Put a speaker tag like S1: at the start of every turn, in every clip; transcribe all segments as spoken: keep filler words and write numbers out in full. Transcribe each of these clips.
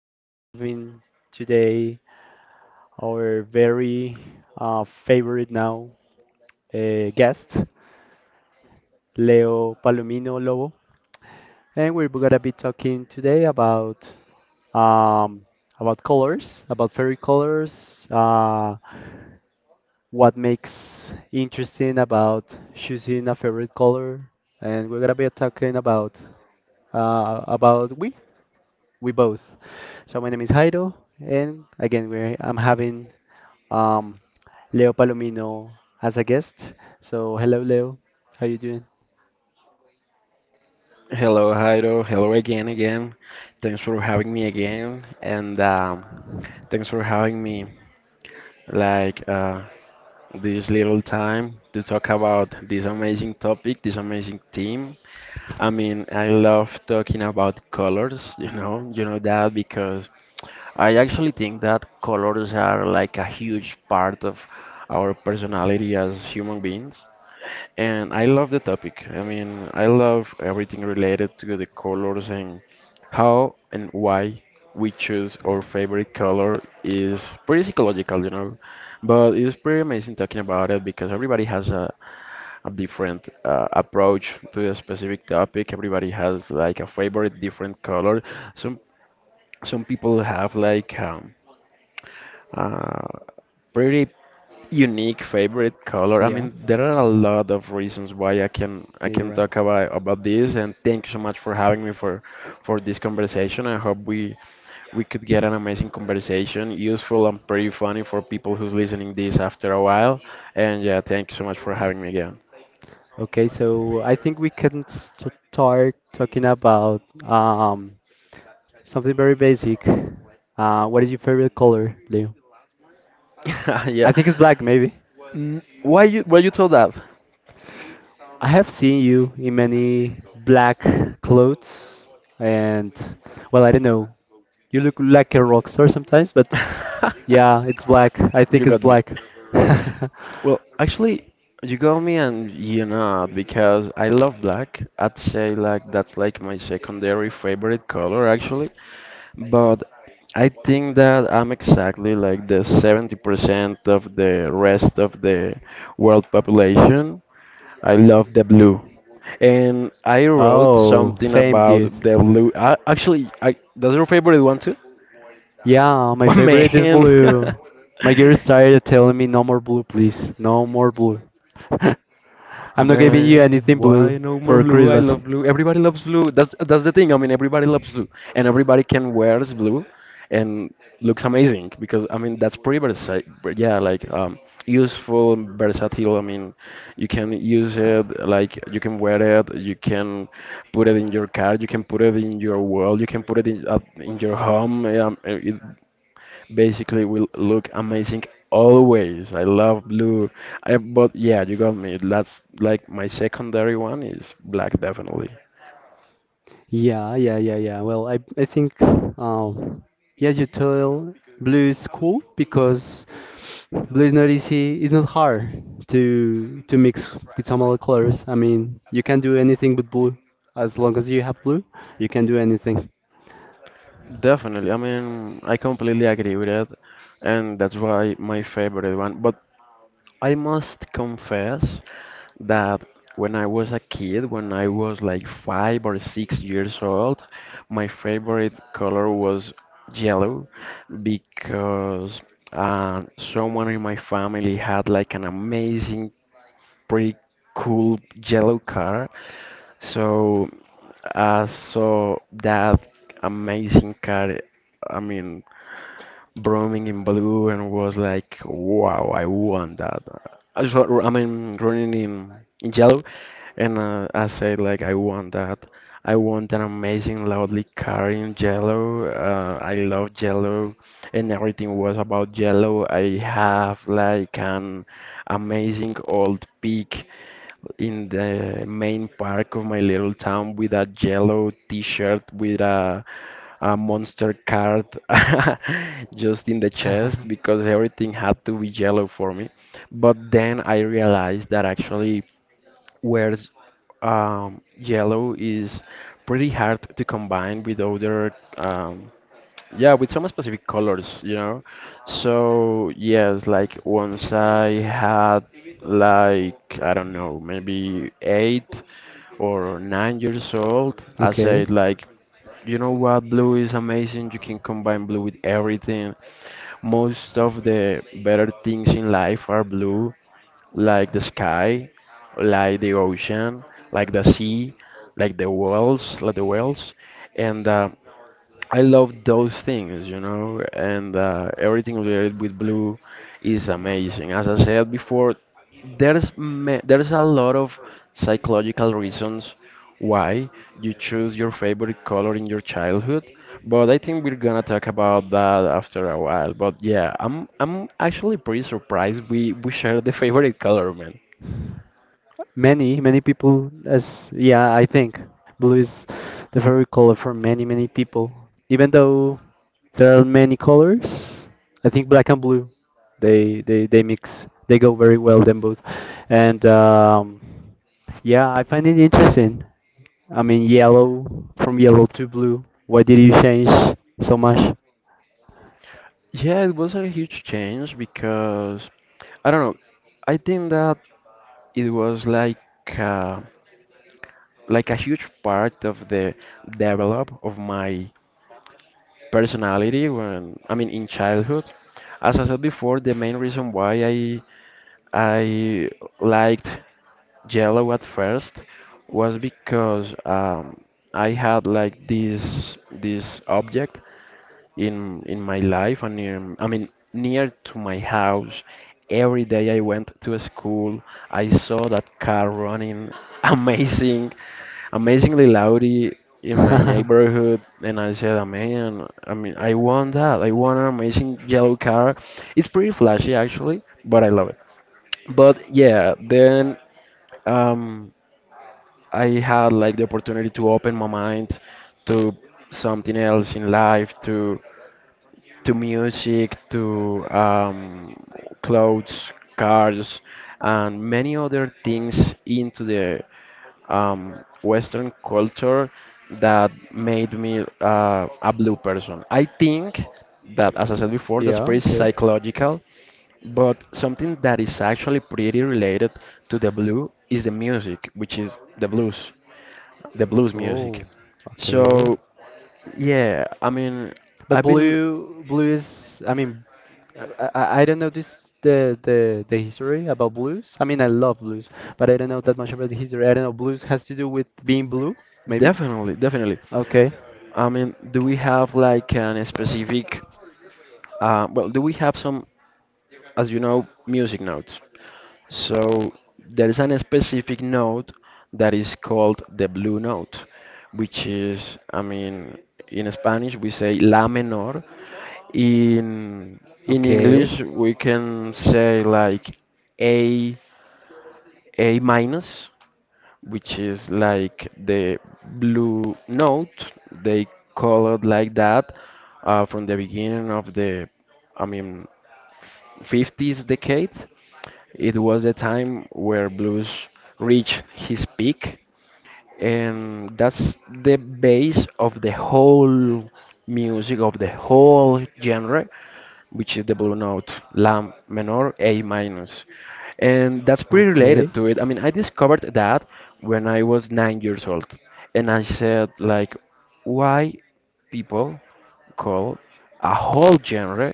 S1: We are having today our very uh, favorite now uh, guest, Leo Palomino Lobo, and we're gonna be talking today about um, about colors, about fairy colors, uh, what makes interesting about choosing a favorite color, and we're gonna be talking about uh, about we we both. So my name is Jairo, and again we I'm having um, Leo Palomino as a guest. So hello, Leo. How you doing?
S2: Hello, Jairo. Hello again, again. Thanks for having me again, and um, thanks for having me like uh, this little time to talk about this amazing topic, this amazing theme. I mean, I love talking about colors. You know, you know that because I actually think that colors are like a huge part of our personality as human beings. And I love the topic. I mean, I love everything related to the colors, and how and why we choose our favorite color is pretty psychological, you know. But it's pretty amazing talking about it because everybody has a, a different uh, approach to a specific topic. Everybody has like a favorite different color. Some some people have like um, uh, pretty unique favorite color. I
S1: Yeah,
S2: mean, there are a lot of reasons why I can I
S1: yeah, you're
S2: can
S1: right.
S2: talk about about this. And thank you so much for having me for for this conversation. I hope we we could get an amazing conversation, useful and pretty funny for people who's listening this after a while. And yeah, thank you so much for having me again.
S1: Okay, so I think we can start talking about um, something very basic. Uh, what is your favorite color, Leo? I
S2: Yeah.
S1: think it's black, maybe.
S2: Mm, Why you why you told that?
S1: I have seen you in many black clothes, and well, I don't know. You look like a rock star sometimes, but yeah, it's black. I
S2: You
S1: think it's
S2: got me.
S1: black.
S2: Well, actually, you got me, and you know because I love black. I'd say like that's like my secondary favorite color actually, but I think that I'm exactly like the seventy percent of the rest of the world population. I love the blue. And I wrote
S1: Oh,
S2: something
S1: same,
S2: about
S1: dude.
S2: the blue. I, actually, I, that's your favorite one too?
S1: Yeah, my
S2: Oh,
S1: favorite is
S2: man.
S1: blue. My girl started telling me no more blue, please. No more blue. I'm not giving you
S2: Man,
S1: anything
S2: why
S1: blue
S2: no more
S1: for
S2: blue? I
S1: Christmas.
S2: love blue. Everybody loves blue. That's that's the thing. I mean, everybody loves blue, and everybody can wears blue, and looks amazing because I mean that's pretty versatile. Yeah, like um, useful, and versatile. I mean, you can use it, like you can wear it. You can put it in your car. You can put it in your wall. You can put it in uh, in your home. Um, it basically will look amazing always. I love blue. I, but yeah, you got me. That's like my secondary one is black, definitely.
S1: Yeah, yeah, yeah, yeah. Well, I, I think, um, yeah, you tell blue is cool because blue is not easy. It's not hard to to mix with some other colors. I mean, you can do anything with blue. As long as you have blue, you can do anything.
S2: Definitely. I mean, I completely agree with it, and that's why my favorite one. But I must confess that when I was a kid, when I was like five or six years old, my favorite color was yellow because uh, someone in my family had like an amazing, pretty cool yellow car. So I saw that amazing car. I mean, Brooming in blue and was like, wow, I want that. I just, wa- I mean, running in, in yellow, and uh, I said like, I want that. I want an amazing, loudly car in yellow. Uh, I love yellow, and everything was about yellow. I have like an amazing old peak in the main park of my little town with a yellow t-shirt with a a monster card just in the chest because everything had to be yellow for me. But then I realized that actually wears um, yellow is pretty hard to combine with other um, yeah, with some specific colors, you know. So yes, like once I had like I don't know, maybe eight or nine years old, I
S1: Okay.
S2: said like, you know what, blue is amazing. You can combine blue with everything. Most of the better things in life are blue, like the sky, like the ocean, like the sea, like the whales, like the whales, and uh, I love those things, you know, and uh, everything related with blue is amazing. As I said before, there's ma- there's a lot of psychological reasons why you choose your favorite color in your childhood, but I think we're gonna talk about that after a while. But yeah, I'm I'm actually pretty surprised we we share the favorite color, man.
S1: Many, many people, as yeah, I think blue is the favorite color for many, many people. Even though there are many colors, I think black and blue, they they they mix. They go very well, them both. And um, yeah, I find it interesting. I mean, yellow from yellow to blue. Why did you change so much?
S2: Yeah, it was a huge change because I don't know. I think that it was like. Uh, like a huge part of the develop of my personality when I mean in childhood. As I said before, the main reason why I I liked yellow at first was because um, I had like this this object in in my life and in, I mean near to my house. Every day I went to school, I saw that car running amazing, amazingly loudly in my neighborhood, and I said, "Ah, Man, I mean, I want that. I want an amazing yellow car. It's pretty flashy actually, but I love it." But yeah, then um, I had like the opportunity to open my mind to something else in life, to to music, to um, clothes, cars, and many other things into the um, Western culture that made me uh, a blue person. I think that, as I said before, that's
S1: Yeah,
S2: pretty
S1: okay.
S2: psychological, but something that is actually pretty related to the blue is the music, which is the blues, the blues music.
S1: Oh,
S2: So,
S1: okay.
S2: yeah, I mean,
S1: But
S2: I've been.
S1: blue, blue is. I mean, I, I, I don't know this the the the history about blues. I mean, I love blues, but I don't know that much about the history. I don't know. Blues has to do with being blue, maybe.
S2: Definitely, definitely.
S1: Okay.
S2: I mean, do we have like an specific, uh, well, do we have some, as you know, music notes? So there is an specific note that is called the blue note, which is, I mean, in Spanish we say la menor. In in
S1: Okay.
S2: English we can say like A A minus, which is like the blue note. They call it like that uh, from the beginning of the, I mean, fifties decade. It was the time where blues reached his peak, and that's the base of the whole music of the whole genre, which is the blue note, la minor, A minus. And that's pretty related
S1: Okay.
S2: to it. I mean, I discovered that when I was nine years old, and I said like, why people call a whole genre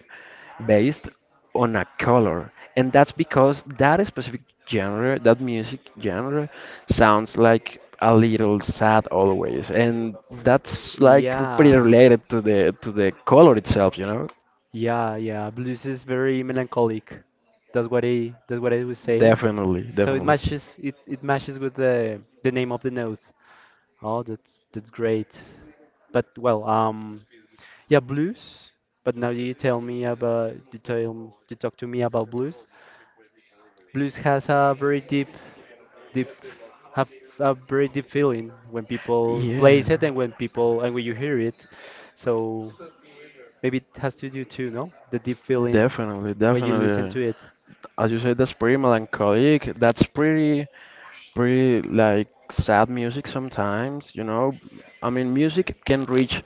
S2: based on a color? And that's because that specific genre, that music genre, sounds like a little sad always, and that's like pretty
S1: Yeah.
S2: related to the to the color itself, you know.
S1: Yeah. Yeah. Blues is very melancholic. That's what I that's what I was saying.
S2: Definitely,
S1: So it
S2: definitely.
S1: matches it, it matches with the the name of the note. Oh, that's that's great. But well, um, yeah, blues. But now you tell me about you tell you talk to me about blues. Blues has a very deep, deep, have a very deep feeling when people
S2: Yeah.
S1: plays it and when people and when you hear it. So maybe it has to do too, no? The deep feeling
S2: definitely
S1: when you listen
S2: definitely
S1: to it.
S2: As you said, that's pretty melancholic. That's pretty, pretty like sad music sometimes, you know. I mean, music can reach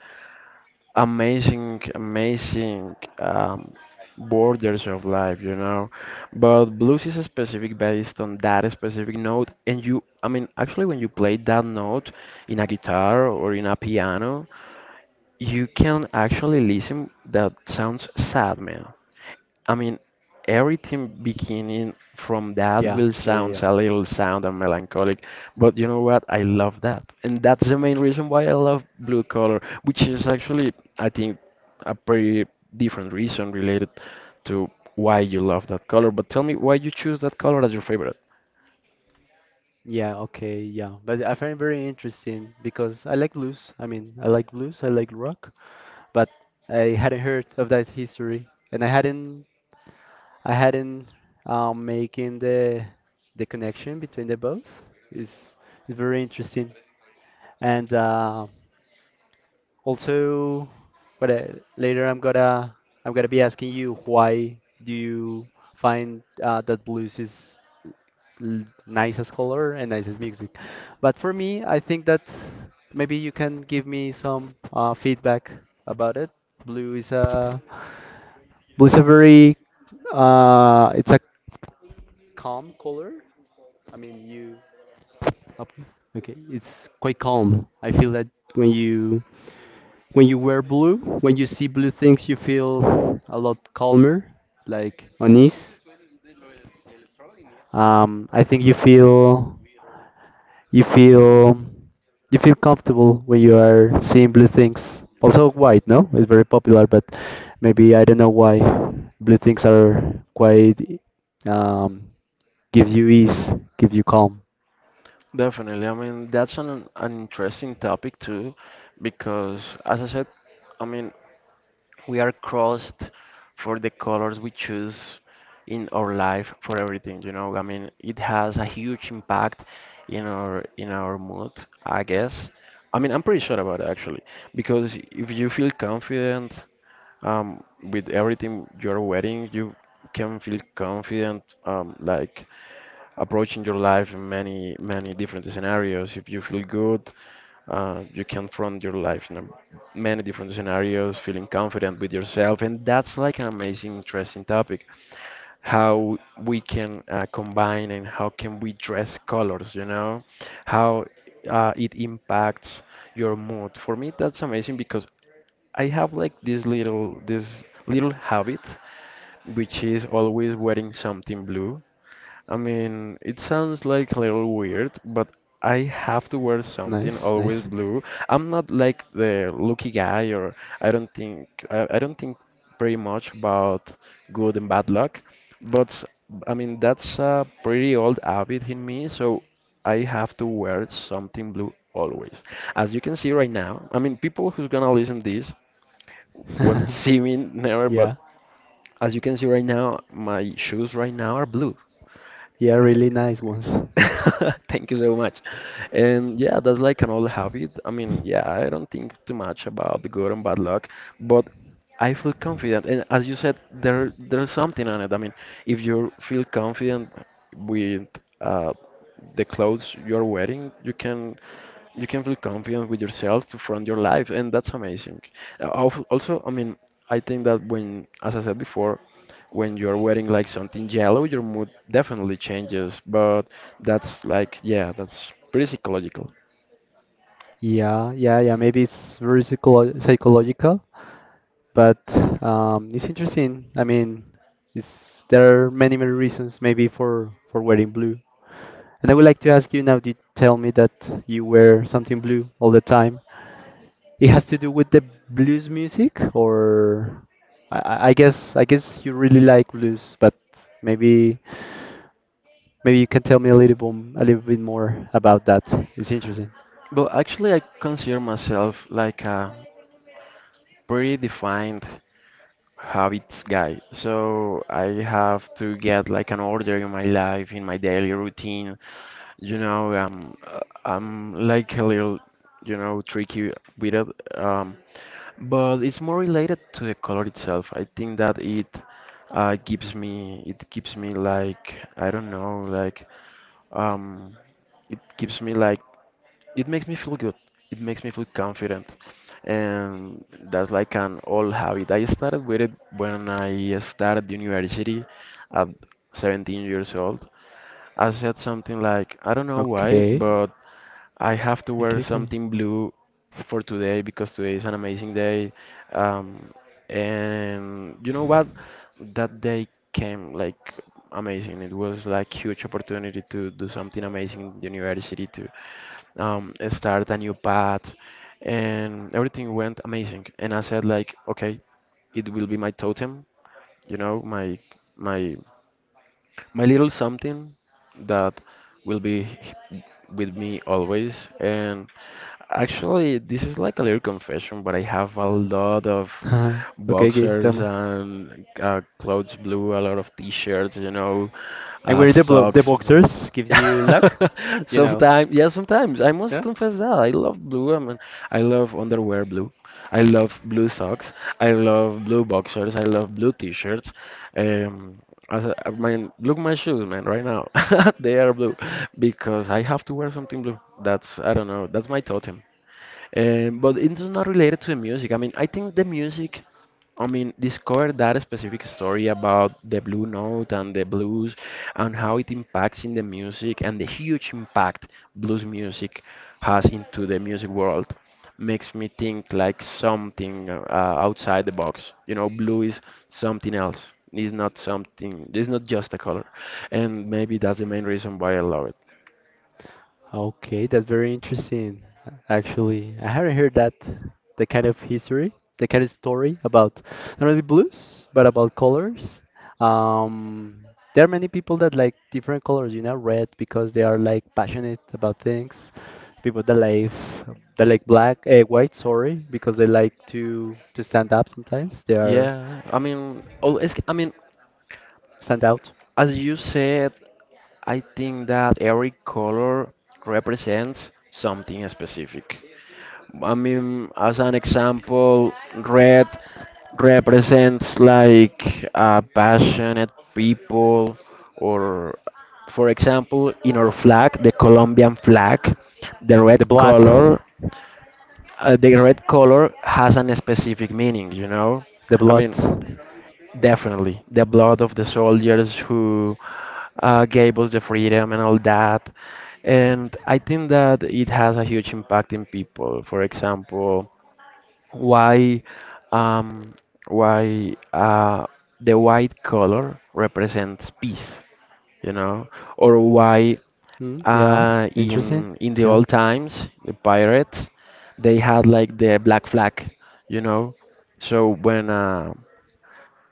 S2: amazing, amazing um, borders of life, you know. But blues is specific based on that specific note, and you, I mean, actually, when you play that note in a guitar or in a piano, you can actually listen that sounds sad, man. I mean, everything beginning from that
S1: Yeah,
S2: will
S1: yeah, yeah,
S2: sound
S1: yeah.
S2: a little sound and melancholic, but you know what? I love that. And that's the main reason why I love blue color, which is actually, I think, a pretty different reason related to why you love that color. But tell me why you choose that color as your favorite.
S1: Yeah, okay, yeah. But I find it very interesting because I like blues. I mean, I like blues, I like rock. But I hadn't heard of that history, and I hadn't I hadn't um, making the the connection between the both. It's it's very interesting, and uh, also, but uh, later I'm gonna I'm gonna be asking you why do you find uh, that blues is l- nice as color and nice as music. But for me, I think that maybe you can give me some uh, feedback about it. Blue is a Blue is a very, uh, it's a calm color. I mean, you, up- okay, it's quite calm. I feel that when you, when you wear blue, when you see blue things, you feel a lot calmer, like unease. Um, I think you feel You feel you feel comfortable when you are seeing blue things. Also white, no? It's very popular, but maybe I don't know why blue things are quite um, give you ease, give you calm.
S2: Definitely. I mean, that's an an interesting topic too, because as I said, I mean. We are crossed for the colors we choose in our life for everything, you know. I mean, it has a huge impact in our in our mood, I guess. I mean, I'm pretty sure about it actually, because if you feel confident um, with everything you're wearing, you can feel confident um, like approaching your life in many, many different scenarios. If you feel good, uh, you can front your life in a- many different scenarios, feeling confident with yourself. And that's like an amazing, interesting topic. How we can uh, combine and how can we dress colors, you know? How uh, it impacts your mood. For me, that's amazing because I have like this little, this little habit, which is always wearing something blue. I mean, it sounds like a little weird, but I have to wear something
S1: Nice,
S2: always
S1: nice.
S2: blue. I'm not like the lucky guy, or I don't think I, I don't think very much about good and bad luck. But I mean, that's a pretty old habit in me, so I have to wear something blue always. As you can see right now, I mean, people who's gonna listen this won't see me never, but
S1: Yeah,
S2: as you can see right now, my shoes right now are blue.
S1: yeah, really nice ones.
S2: Thank you so much. And yeah, that's like an old habit. I mean, yeah, I don't think too much about the good and bad luck, but I feel confident. And as you said, there there's something on it. I mean, if you feel confident with uh, the clothes you're wearing, you can you can feel confident with yourself to front your life, and that's amazing. Uh, al- Also, I mean, I think that when, as I said before, when you're wearing like something yellow, your mood definitely changes, but that's like, yeah, that's pretty psychological.
S1: Yeah, yeah, yeah. Maybe it's very psycholo- psychological, but um, it's interesting. I mean, it's, there are many, many reasons maybe for for wearing blue. And I would like to ask you now, you tell me that you wear something blue all the time. It has to do with the blues music, or I, I I guess I guess you really like blues, but maybe maybe you can tell me a little bit, a little bit more about that. It's interesting.
S2: Well, actually, I consider myself like a pretty defined habits guy. So I have to get like an order in my life, in my daily routine. You know, um, uh, I'm like a little, you know, tricky with it. Um, but it's more related to the color itself. I think that it uh, gives me, it gives me like, I don't know, like, um, it gives me like it makes me feel good. It makes me feel confident. And that's like an old habit. I started with it when I started university at seventeen years old. I said something like, I don't know why,
S1: Okay.
S2: but I have to wear
S1: Okay, okay.
S2: something blue for today because today is an amazing day. Um, and you know what? That day came like amazing. It was like huge opportunity to do something amazing in the university to um, start a new path, and everything went amazing. And I said like, okay, it will be my totem, you know, my my my little something that will be h- with me always. And actually, this is like a little confession, but I have a lot of
S1: Huh. Okay, okay,
S2: boxers
S1: tama.
S2: and uh, clothes blue, a lot of t-shirts, you know,
S1: And
S2: uh,
S1: we're the blo the
S2: socks.
S1: boxers gives you luck, you know.
S2: Sometimes, yeah, sometimes I must
S1: Yeah.
S2: confess that I love blue. I mean, I love underwear blue. I love blue socks. I love blue boxers. I love blue t-shirts. Um, as a, I mean, look my shoes, man. Right now, they are blue because I have to wear something blue. That's I don't know. That's my totem. Um, but it's not related to the music. I mean, I think the music, I mean, discovered that specific story about the blue note and the blues and how it impacts in the music and the huge impact blues music has into the music world makes me think like something uh, outside the box. You know, blue is something else. It's not something, it's not just a color. And maybe that's the main reason why I love it.
S1: Okay, that's very interesting. Actually, I haven't heard that the kind of history, the kind of story about not only blues but about colors. Um, there are many people that like different colors, you know, red because they are like passionate about things. People that like that like black, uh, white, sorry, because they like to to stand up sometimes. They are
S2: Yeah, I mean, oh, it's, I mean,
S1: stand out.
S2: as you said, I think that every color represents something specific. I mean, as an example, red represents like uh, passionate people, or for example, in our flag, the Colombian flag, the red
S1: The blood,
S2: color, uh, the red color has an specific meaning, you know?
S1: the
S2: I
S1: blood.
S2: mean, definitely, the blood of the soldiers who uh, gave us the freedom and all that. And I think that it has a huge impact in people. For example, why um, why uh, the white color represents peace, you know, or why
S1: Mm, yeah,
S2: uh,
S1: interesting.
S2: in in the
S1: Yeah,
S2: old times the pirates they had like the black flag, you know. So when uh,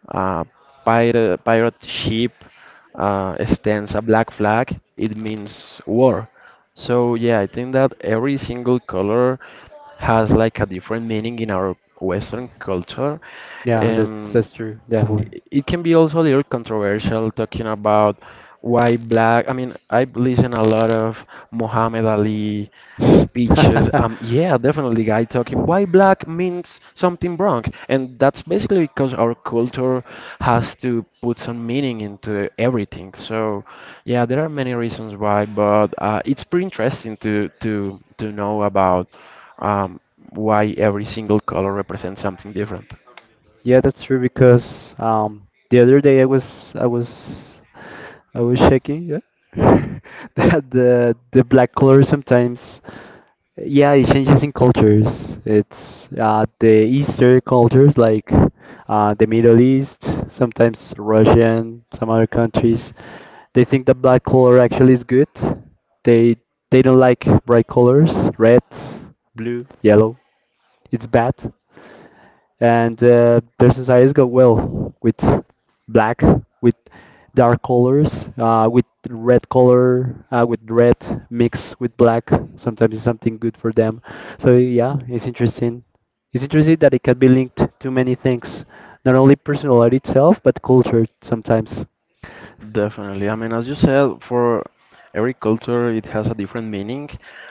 S2: uh, pirate pirate ship uh, stands a black flag. It means war. So yeah, I think that every single color has like a different meaning in our Western culture,
S1: yeah, that's
S2: and
S1: that's true, definitely.
S2: it can be also a little controversial talking about why black. I mean, I've listened a lot of Muhammad Ali speeches. Um, yeah, definitely, guy talking why black means something wrong, and that's basically because our culture has to put some meaning into everything. So, yeah, there are many reasons why, but uh, it's pretty interesting to to to know about um, why every single color represents something different.
S1: Yeah, that's true because um, the other day I was I was I was checking yeah that the the black color sometimes yeah it changes in cultures. It's uh, the Eastern cultures like uh, the Middle East, sometimes Russian, some other countries. They think that black color actually is good. They they don't like bright colors, red, blue, yellow. It's bad. And uh, their societies go well with black, with dark colors, uh, with red color, uh, with red mixed with black. Sometimes it's something good for them. So yeah, it's interesting. It's interesting that it can be linked to many things, not only personality itself, but culture sometimes.
S2: Definitely. I mean, as you said, for every culture, it has a different meaning.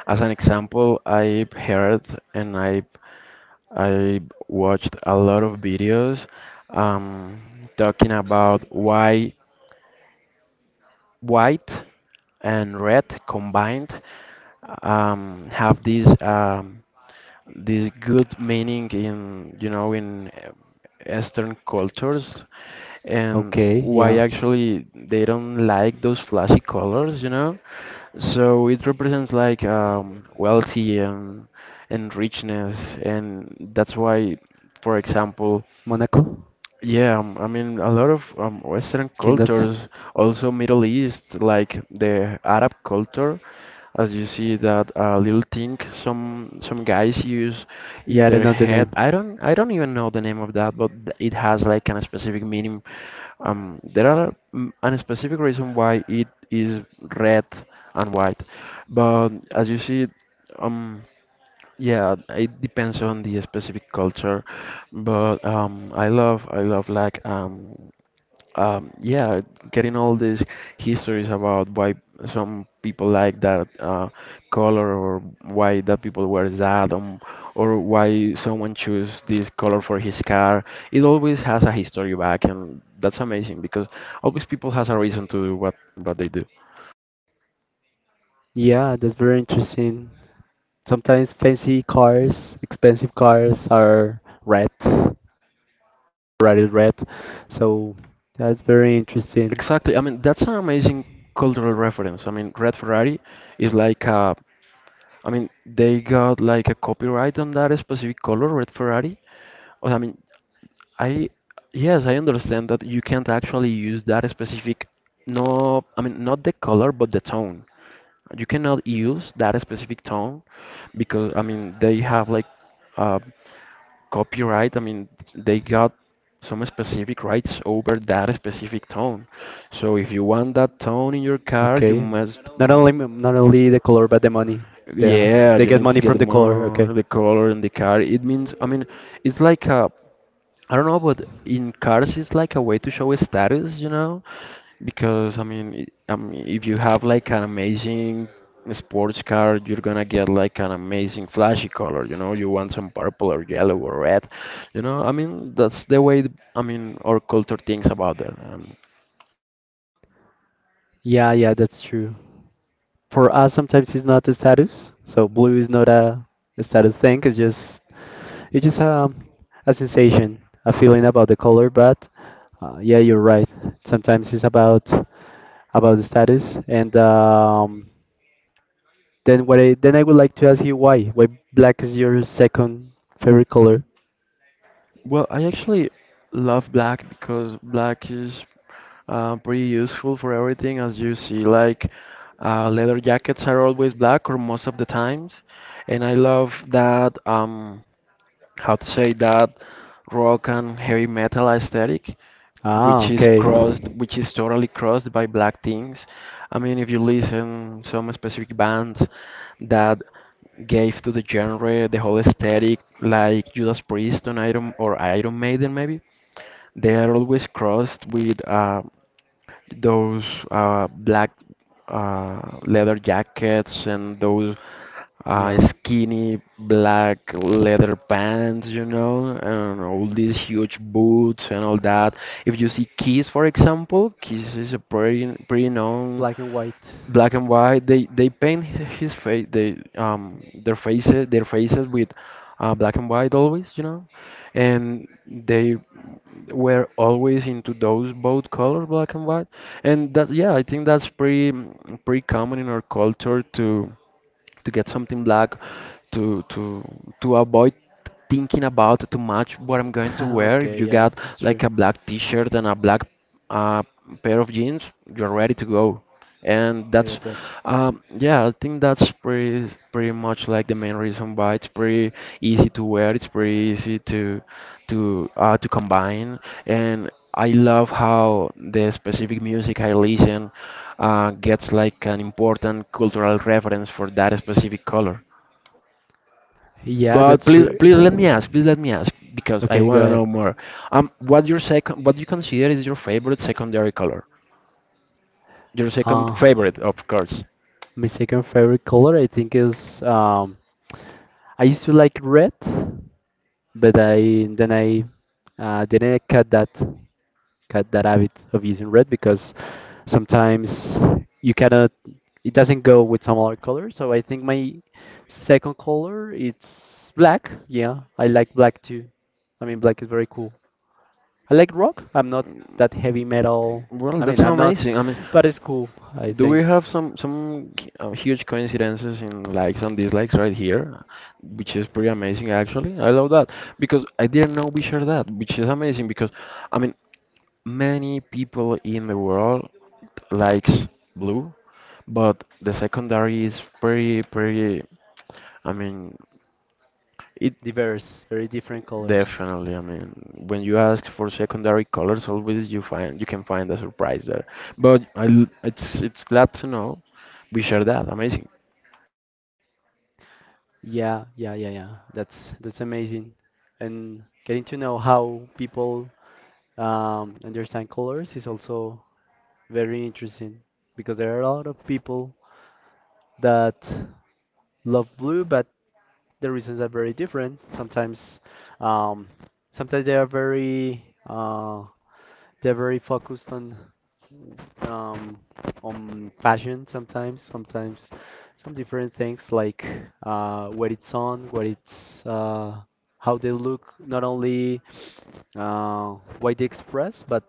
S2: As an example, I heard and I I watched a lot of videos um, talking about why white and red combined um, have this um, this good meaning in, you know, in uh, Eastern cultures, and
S1: Okay,
S2: why
S1: yeah.
S2: actually they don't like those flashy colors, you know? So it represents like um, wealthy and and richness, and that's why, for example,
S1: Monaco?
S2: yeah, um, I mean, a lot of um, Western
S1: Kingdoms?
S2: cultures, also Middle East, like the Arab culture, as you see that uh, little thing some some guys use in
S1: Yeah, I don't
S2: their
S1: know the
S2: head.
S1: name.
S2: I don't I don't even know the name of that, but th- it has like a specific meaning. Um, there are mm, a specific reason why it is red and white, but as you see, um, yeah, it depends on the specific culture, but um, I love I love like um, um, yeah, getting all these histories about why some people like that uh, color, or why that people wear that, um, or why someone choose this color for his car. It always has a history back, and that's amazing because always people has a reason to do what what they do.
S1: Yeah, that's very interesting. Sometimes fancy cars, expensive cars are red, rated red. So that's very interesting.
S2: Exactly. I mean, that's an amazing cultural reference. I mean, Red Ferrari is like a, I mean, they got like a copyright on that specific color, red Ferrari. Or, I mean, I, yes, I understand that you can't actually use that specific, no, I mean not the color but the tone. You cannot use that specific tone because I mean they have like uh, copyright. I mean they got some specific rights over that specific tone. So if you want that tone in your car, you
S1: Okay.
S2: must.
S1: Not only m- not only the color but the money they have.
S2: Yeah,
S1: They
S2: you
S1: get
S2: need to
S1: money
S2: get
S1: from the color, okay.
S2: more the color in the car. It means, I mean, it's like a, I don't know, but in cars, it's like a way to show a status, you know? Because I mean, it- I mean, if you have like an amazing sports car, you're gonna get like an amazing flashy color, you know? You want some purple or yellow or red, you know? I mean, that's the way, th- I mean, our culture thinks about that.
S1: Yeah, yeah, that's true. For us sometimes it's not a status. So blue is not a, a status thing, it's just it's just a, a sensation, a feeling about the color, but uh, yeah, you're right. Sometimes it's about about the status and um Then what I, then I would like to ask you why. Why black is your second favorite color?
S2: Well, I actually love black because black is uh, pretty useful for everything, as you see. Like uh, leather jackets are always black, or most of the times, and I love that. Um, how to say that rock and heavy metal aesthetic,
S1: Ah,
S2: which is
S1: okay.
S2: crossed, which is totally crossed by black things. I mean, if you listen some specific bands that gave to the genre the whole aesthetic, like Judas Priest on Iron or Iron Maiden maybe, they are always crossed with uh, those uh, black uh, leather jackets and those uh,
S1: Yeah.
S2: skinny black leather pants, you know, and all these huge boots and all that. If you see Kiss, for example, Kiss is a pretty pretty known
S1: Black and white.
S2: black and white. They they paint hi- his face they um their faces, their faces with uh, black and white always, you know, and they were always into those both color black and white, and that, yeah, I think that's pretty mm, pretty common in our culture to to get something black, to to to avoid thinking about too much what I'm going to wear. If
S1: Okay,
S2: you
S1: yeah,
S2: got
S1: it's true.
S2: like a black t-shirt and a black uh, pair of jeans, you're ready to go. And
S1: Yeah,
S2: that's,
S1: that's it.
S2: um, yeah, I think that's pretty pretty much like the main reason why it's pretty easy to wear. It's pretty easy to to uh, to combine. And I love how the specific music I listen uh, gets like an important cultural reference for that specific color.
S1: Yeah,
S2: But
S1: that's
S2: please,
S1: true.
S2: please let me ask. Please let me ask because I
S1: Okay, go
S2: want to
S1: ahead.
S2: know more. Um, what your second, what you consider is your favorite secondary color? Your second
S1: Uh,
S2: favorite, of course.
S1: My second favorite color, I think, is um, I used to like red, but I then I uh, didn't cut that cut that habit of using red because sometimes you cannot it doesn't go with some other color. So I think my second color it's black. Yeah, I like black too. I mean, black is very cool. I like rock. I'm not that heavy metal.
S2: Well,
S1: I
S2: that's
S1: mean, I'm not,
S2: amazing. I mean,
S1: but it's cool. I
S2: do we
S1: think
S2: have some some uh, huge coincidences in likes and dislikes right here, which is pretty amazing actually. I love that because I didn't know we share that, which is amazing because, I mean, many people in the world likes blue, but the secondary is pretty pretty. I mean, it,
S1: diverse, very different colors.
S2: definitely. I mean, when you ask for secondary colors, always you find, you can find a surprise there. But I, l- it's it's glad to know. We share that. Amazing.
S1: Yeah, yeah, yeah, yeah. That's that's amazing. And getting to know how people um, understand colors is also very interesting because there are a lot of people that love blue, but the reasons are very different. Sometimes, um, sometimes they are very uh, they're very focused on um, on fashion sometimes, sometimes some different things like uh, what it's on, what it's uh, how they look, not only uh, what they express, but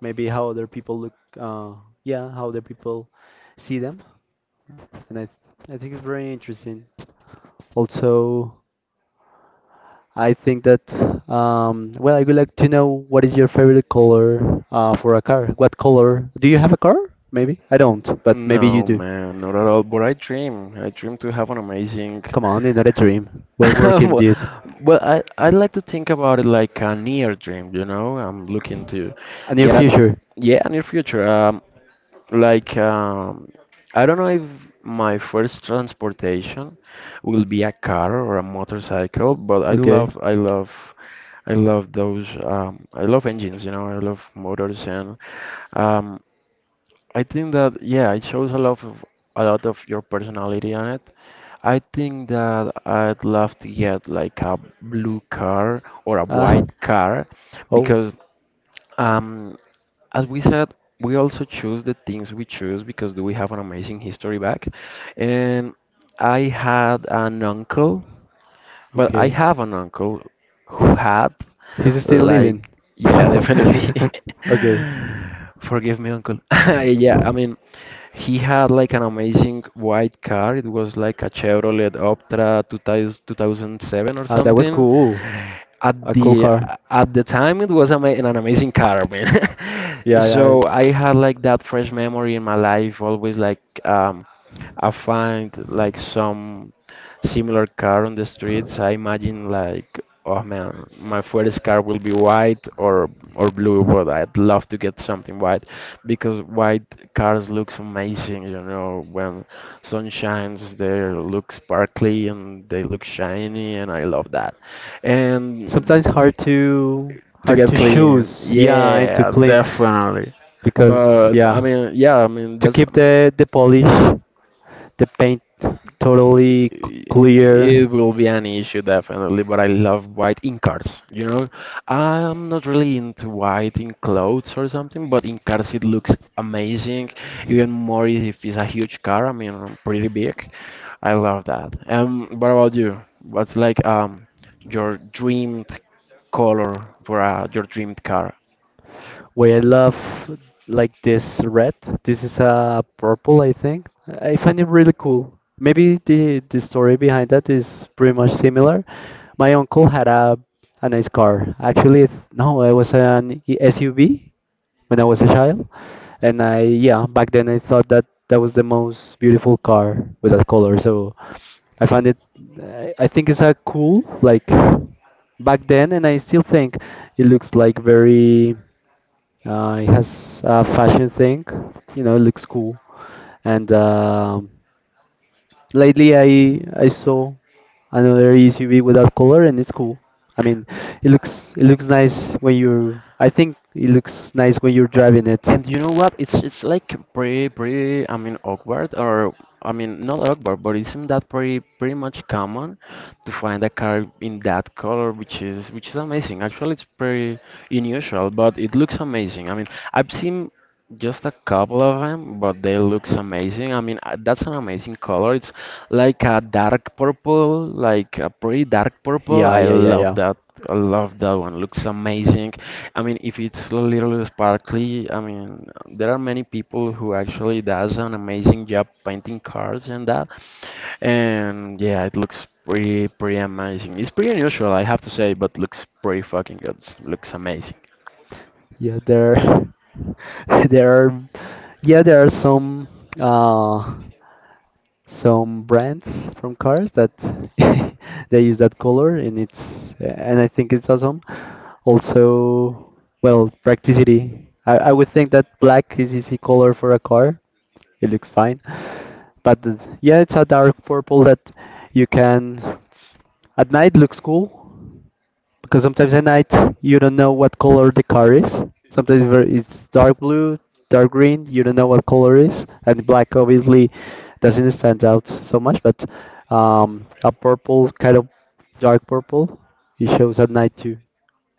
S1: maybe how other people look. Uh, yeah, how other people see them, and I I think it's very interesting. Also, I think that um, well, I would like to know what is your favorite color uh, for a car? What color? Do you have a car? Maybe I don't, but maybe you
S2: No,
S1: do.
S2: man, not at all. But I dream. I dream to have an amazing.
S1: Come on, it's not a dream. We're working
S2: Well,
S1: this.
S2: well, I I like to think about it like a near dream. You know, I'm looking to
S1: A near
S2: get at,
S1: future.
S2: yeah, a near future. Um, like, um, I don't know if my first transportation will be a car or a motorcycle, but I
S1: Okay.
S2: love, I love. I love those. Um, I love engines, you know. I love motors, and um, I think that, yeah, it shows a lot of a lot of your personality on it. I think that I'd love to get like a blue car or a
S1: Ah.
S2: white car
S1: Oh.
S2: because, um as we said, we also choose the things we choose because we have an amazing history back. And I had an uncle, well, I
S1: Okay.
S2: have an uncle who had,
S1: He's still living.
S2: like, yeah, definitely.
S1: Okay.
S2: Forgive me, uncle. Yeah, I mean, he had like an amazing white car. It was like a Chevrolet Optra two thousand two thousand seven or
S1: Ah, that was
S2: something.
S1: cool.
S2: At
S1: A cool
S2: the
S1: car.
S2: at the time, it was ama an amazing car, man.
S1: Yeah, yeah.
S2: So I had like that fresh memory in my life, always like, um, I find like some similar car on the streets. I imagine like, oh man, my first car will be white or or blue, but I'd love to get something white because white cars looks amazing, you know, when sun shines, they look sparkly and they look shiny, and I love that. And
S1: Sometimes hard to
S2: to
S1: hard
S2: get
S1: to
S2: clean,
S1: choose. Yeah, and to
S2: yeah,
S1: clean
S2: definitely.
S1: because
S2: But I
S1: yeah,
S2: mean, yeah, I mean
S1: to
S2: that's.
S1: keep the the polish. The paint totally c- clear
S2: It will be an issue definitely, but I love white in cars. You know, I'm not really into white in clothes or something, but in cars it looks amazing, even more i- if it's a huge car. I mean, um, pretty big. I love that. Um, what about you? What's like um your dreamed color for uh, your dreamed car?
S1: why I love like this red. This is a purple, I think. I find it really cool. Maybe the the story behind that is pretty much similar. My uncle had a a nice car. Actually, it- no, it was an S U V when I was a child, and I yeah back then I thought that that was the most beautiful car with that color. So I find it. I I think it's a cool like back then, and I still think it looks like very uh, it has a fashion thing, you know, looks cool. And um lately, I I saw another E C V with that color, and it's cool. I mean, it looks it looks nice when you're. I think it looks nice when you're driving it.
S2: And you know what? It's it's like pretty pretty I mean awkward or I mean not awkward, but isn't that pretty pretty much common to find a car in that color, which is which is amazing. Actually, it's pretty unusual, but it looks amazing. I mean, I've seen just a couple of them, but they looks amazing. I mean, uh, that's an amazing color. It's like a dark purple, like a pretty dark purple.
S1: Yeah,
S2: I
S1: yeah, yeah,
S2: love
S1: yeah.
S2: that. I love that one. Looks amazing. I mean, if it's a little sparkly, I mean, there are many people who actually does an amazing job painting cars and that. And yeah, it looks pretty, pretty amazing. It's pretty unusual, I have to say, but looks pretty fucking good. Looks amazing.
S1: Yeah, there, there are, yeah, there are some uh, some brands from cars that they use that color and it's and I think it's awesome. Also, well, practicity. I, I would think that black is easy color for a car. It looks fine. But the- yeah, it's a dark purple that you can at night looks cool. Because sometimes at night you don't know what color the car is. Sometimes ver- it's dark blue, dark green. You don't know what color is, and black obviously doesn't stand out so much. But um, a purple kind of dark purple, it shows at night too.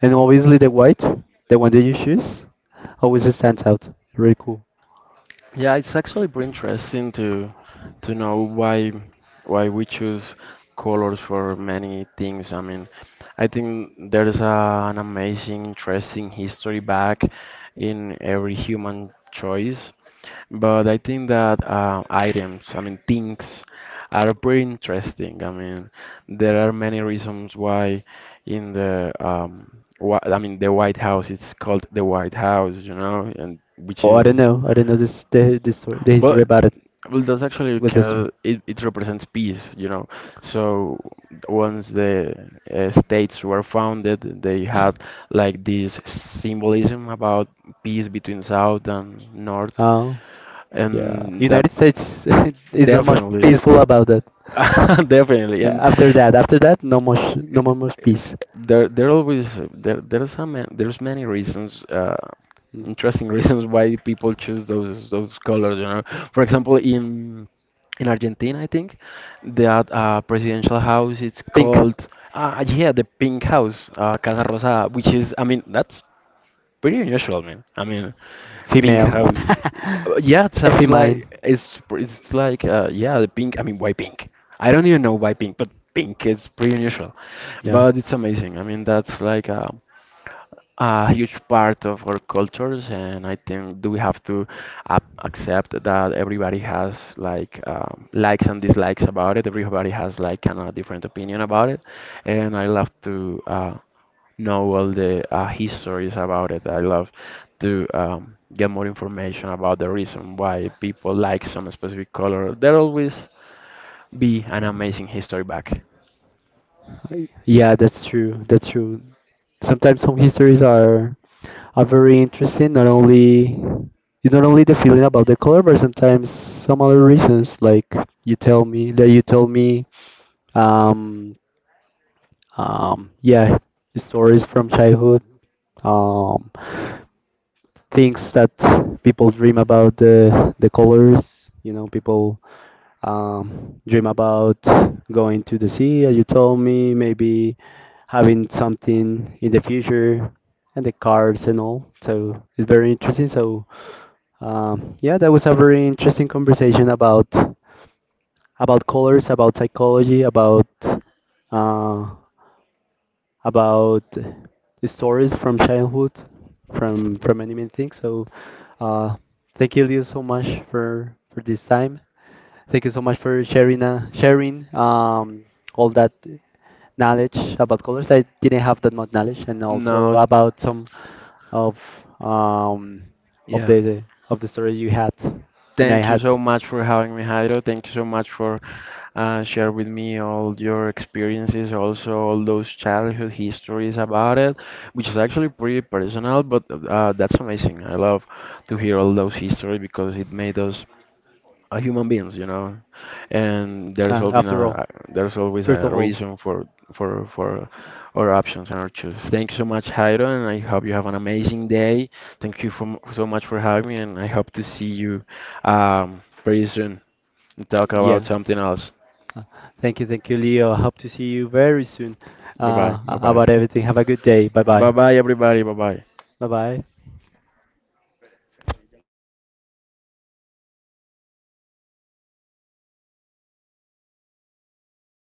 S1: And obviously the white, the one that you choose, always stands out. Really cool.
S2: Yeah, it's actually pretty interesting to to know why why we choose colors for many things. I mean, I think there's a, an amazing, interesting history back in every human choice. But I think that uh, items, I mean, things are pretty interesting. I mean, there are many reasons why in the um, wh I mean, the White House, it's called the White House, you know, and which
S1: Oh, I don't
S2: is
S1: know. I don't know this the this story, the
S2: well,
S1: history about it.
S2: well, that's actually
S1: What's the story?
S2: because it, it represents peace, you know. So once the uh, states were founded, they had like this symbolism about peace between South and North,
S1: Oh, yeah.
S2: and that
S1: United States is not much
S2: definitely,
S1: peaceful about that.
S2: definitely,
S1: Uh,
S2: and
S1: After that, after that, no more, sh- no more, more peace.
S2: there, there always there there's some there's many reasons, uh,
S1: Mm.
S2: interesting reasons why people choose those those colors. You know, for example, in in Argentina, I think that uh, presidential house it's
S1: Pink,
S2: called ah yeah the pink house, uh, Casa Rosada, which is I mean that's pretty unusual, man. I mean pink
S1: female,
S2: house. Uh, Yeah, it sounds like
S1: effimine.
S2: it's it's like uh, yeah, the pink. I mean, why pink? I don't even know why pink, but pink is pretty unusual,
S1: Yeah,
S2: but it's amazing. I mean, that's like a, a huge part of our cultures, and I think do we have to uh, accept that everybody has like um, likes and dislikes about it. Everybody has like kind of different opinion about it, and I love to. Uh, know all the uh, histories about it. I love to um, get more information about the reason why people like some specific color. There always be an amazing history back.
S1: I- yeah, that's true. That's true. Sometimes home histories are are very interesting. Not only it's not only the feeling about the color, but sometimes some other reasons. Like you tell me that you told me, um, um, yeah, stories from childhood. Um, Things that people dream about the the colors. You know, people um, dream about going to the sea, as you told me, maybe having something in the future, and the cars and all. So it's very interesting. So um, yeah, that was a very interesting conversation about about colors, about psychology, about uh, about the stories from childhood, from from many many things. So, uh, thank you, Leo, so much for for this time. Thank you so much for sharing uh, sharing um, all that knowledge about colors. I didn't have that much knowledge, and also
S2: No,
S1: about some of um, of
S2: yeah.
S1: the of the stories you had, and I
S2: Thank you
S1: had
S2: so much for having me, Jairo. Thank you so much for uh, share with me all your experiences, also all those childhood histories about it, which is actually pretty personal, but uh, that's amazing. I love to hear all those histories because it made us uh, human beings, you know, and there's
S1: uh,
S2: always
S1: after all.
S2: a there's always
S1: First
S2: a
S1: of all,
S2: reason for for for our options and our choices. Thank you so much, Jairo, and I hope you have an amazing day. Thank you for, so much for having me, and I hope to see you um, very soon and talk about
S1: yeah.
S2: something else.
S1: Thank you, thank you, Leo. Hope to see you very soon
S2: Bye bye,
S1: uh,
S2: bye bye,
S1: about everything. Have a good day. Bye bye.
S2: bye bye, everybody, bye bye.
S1: Bye bye.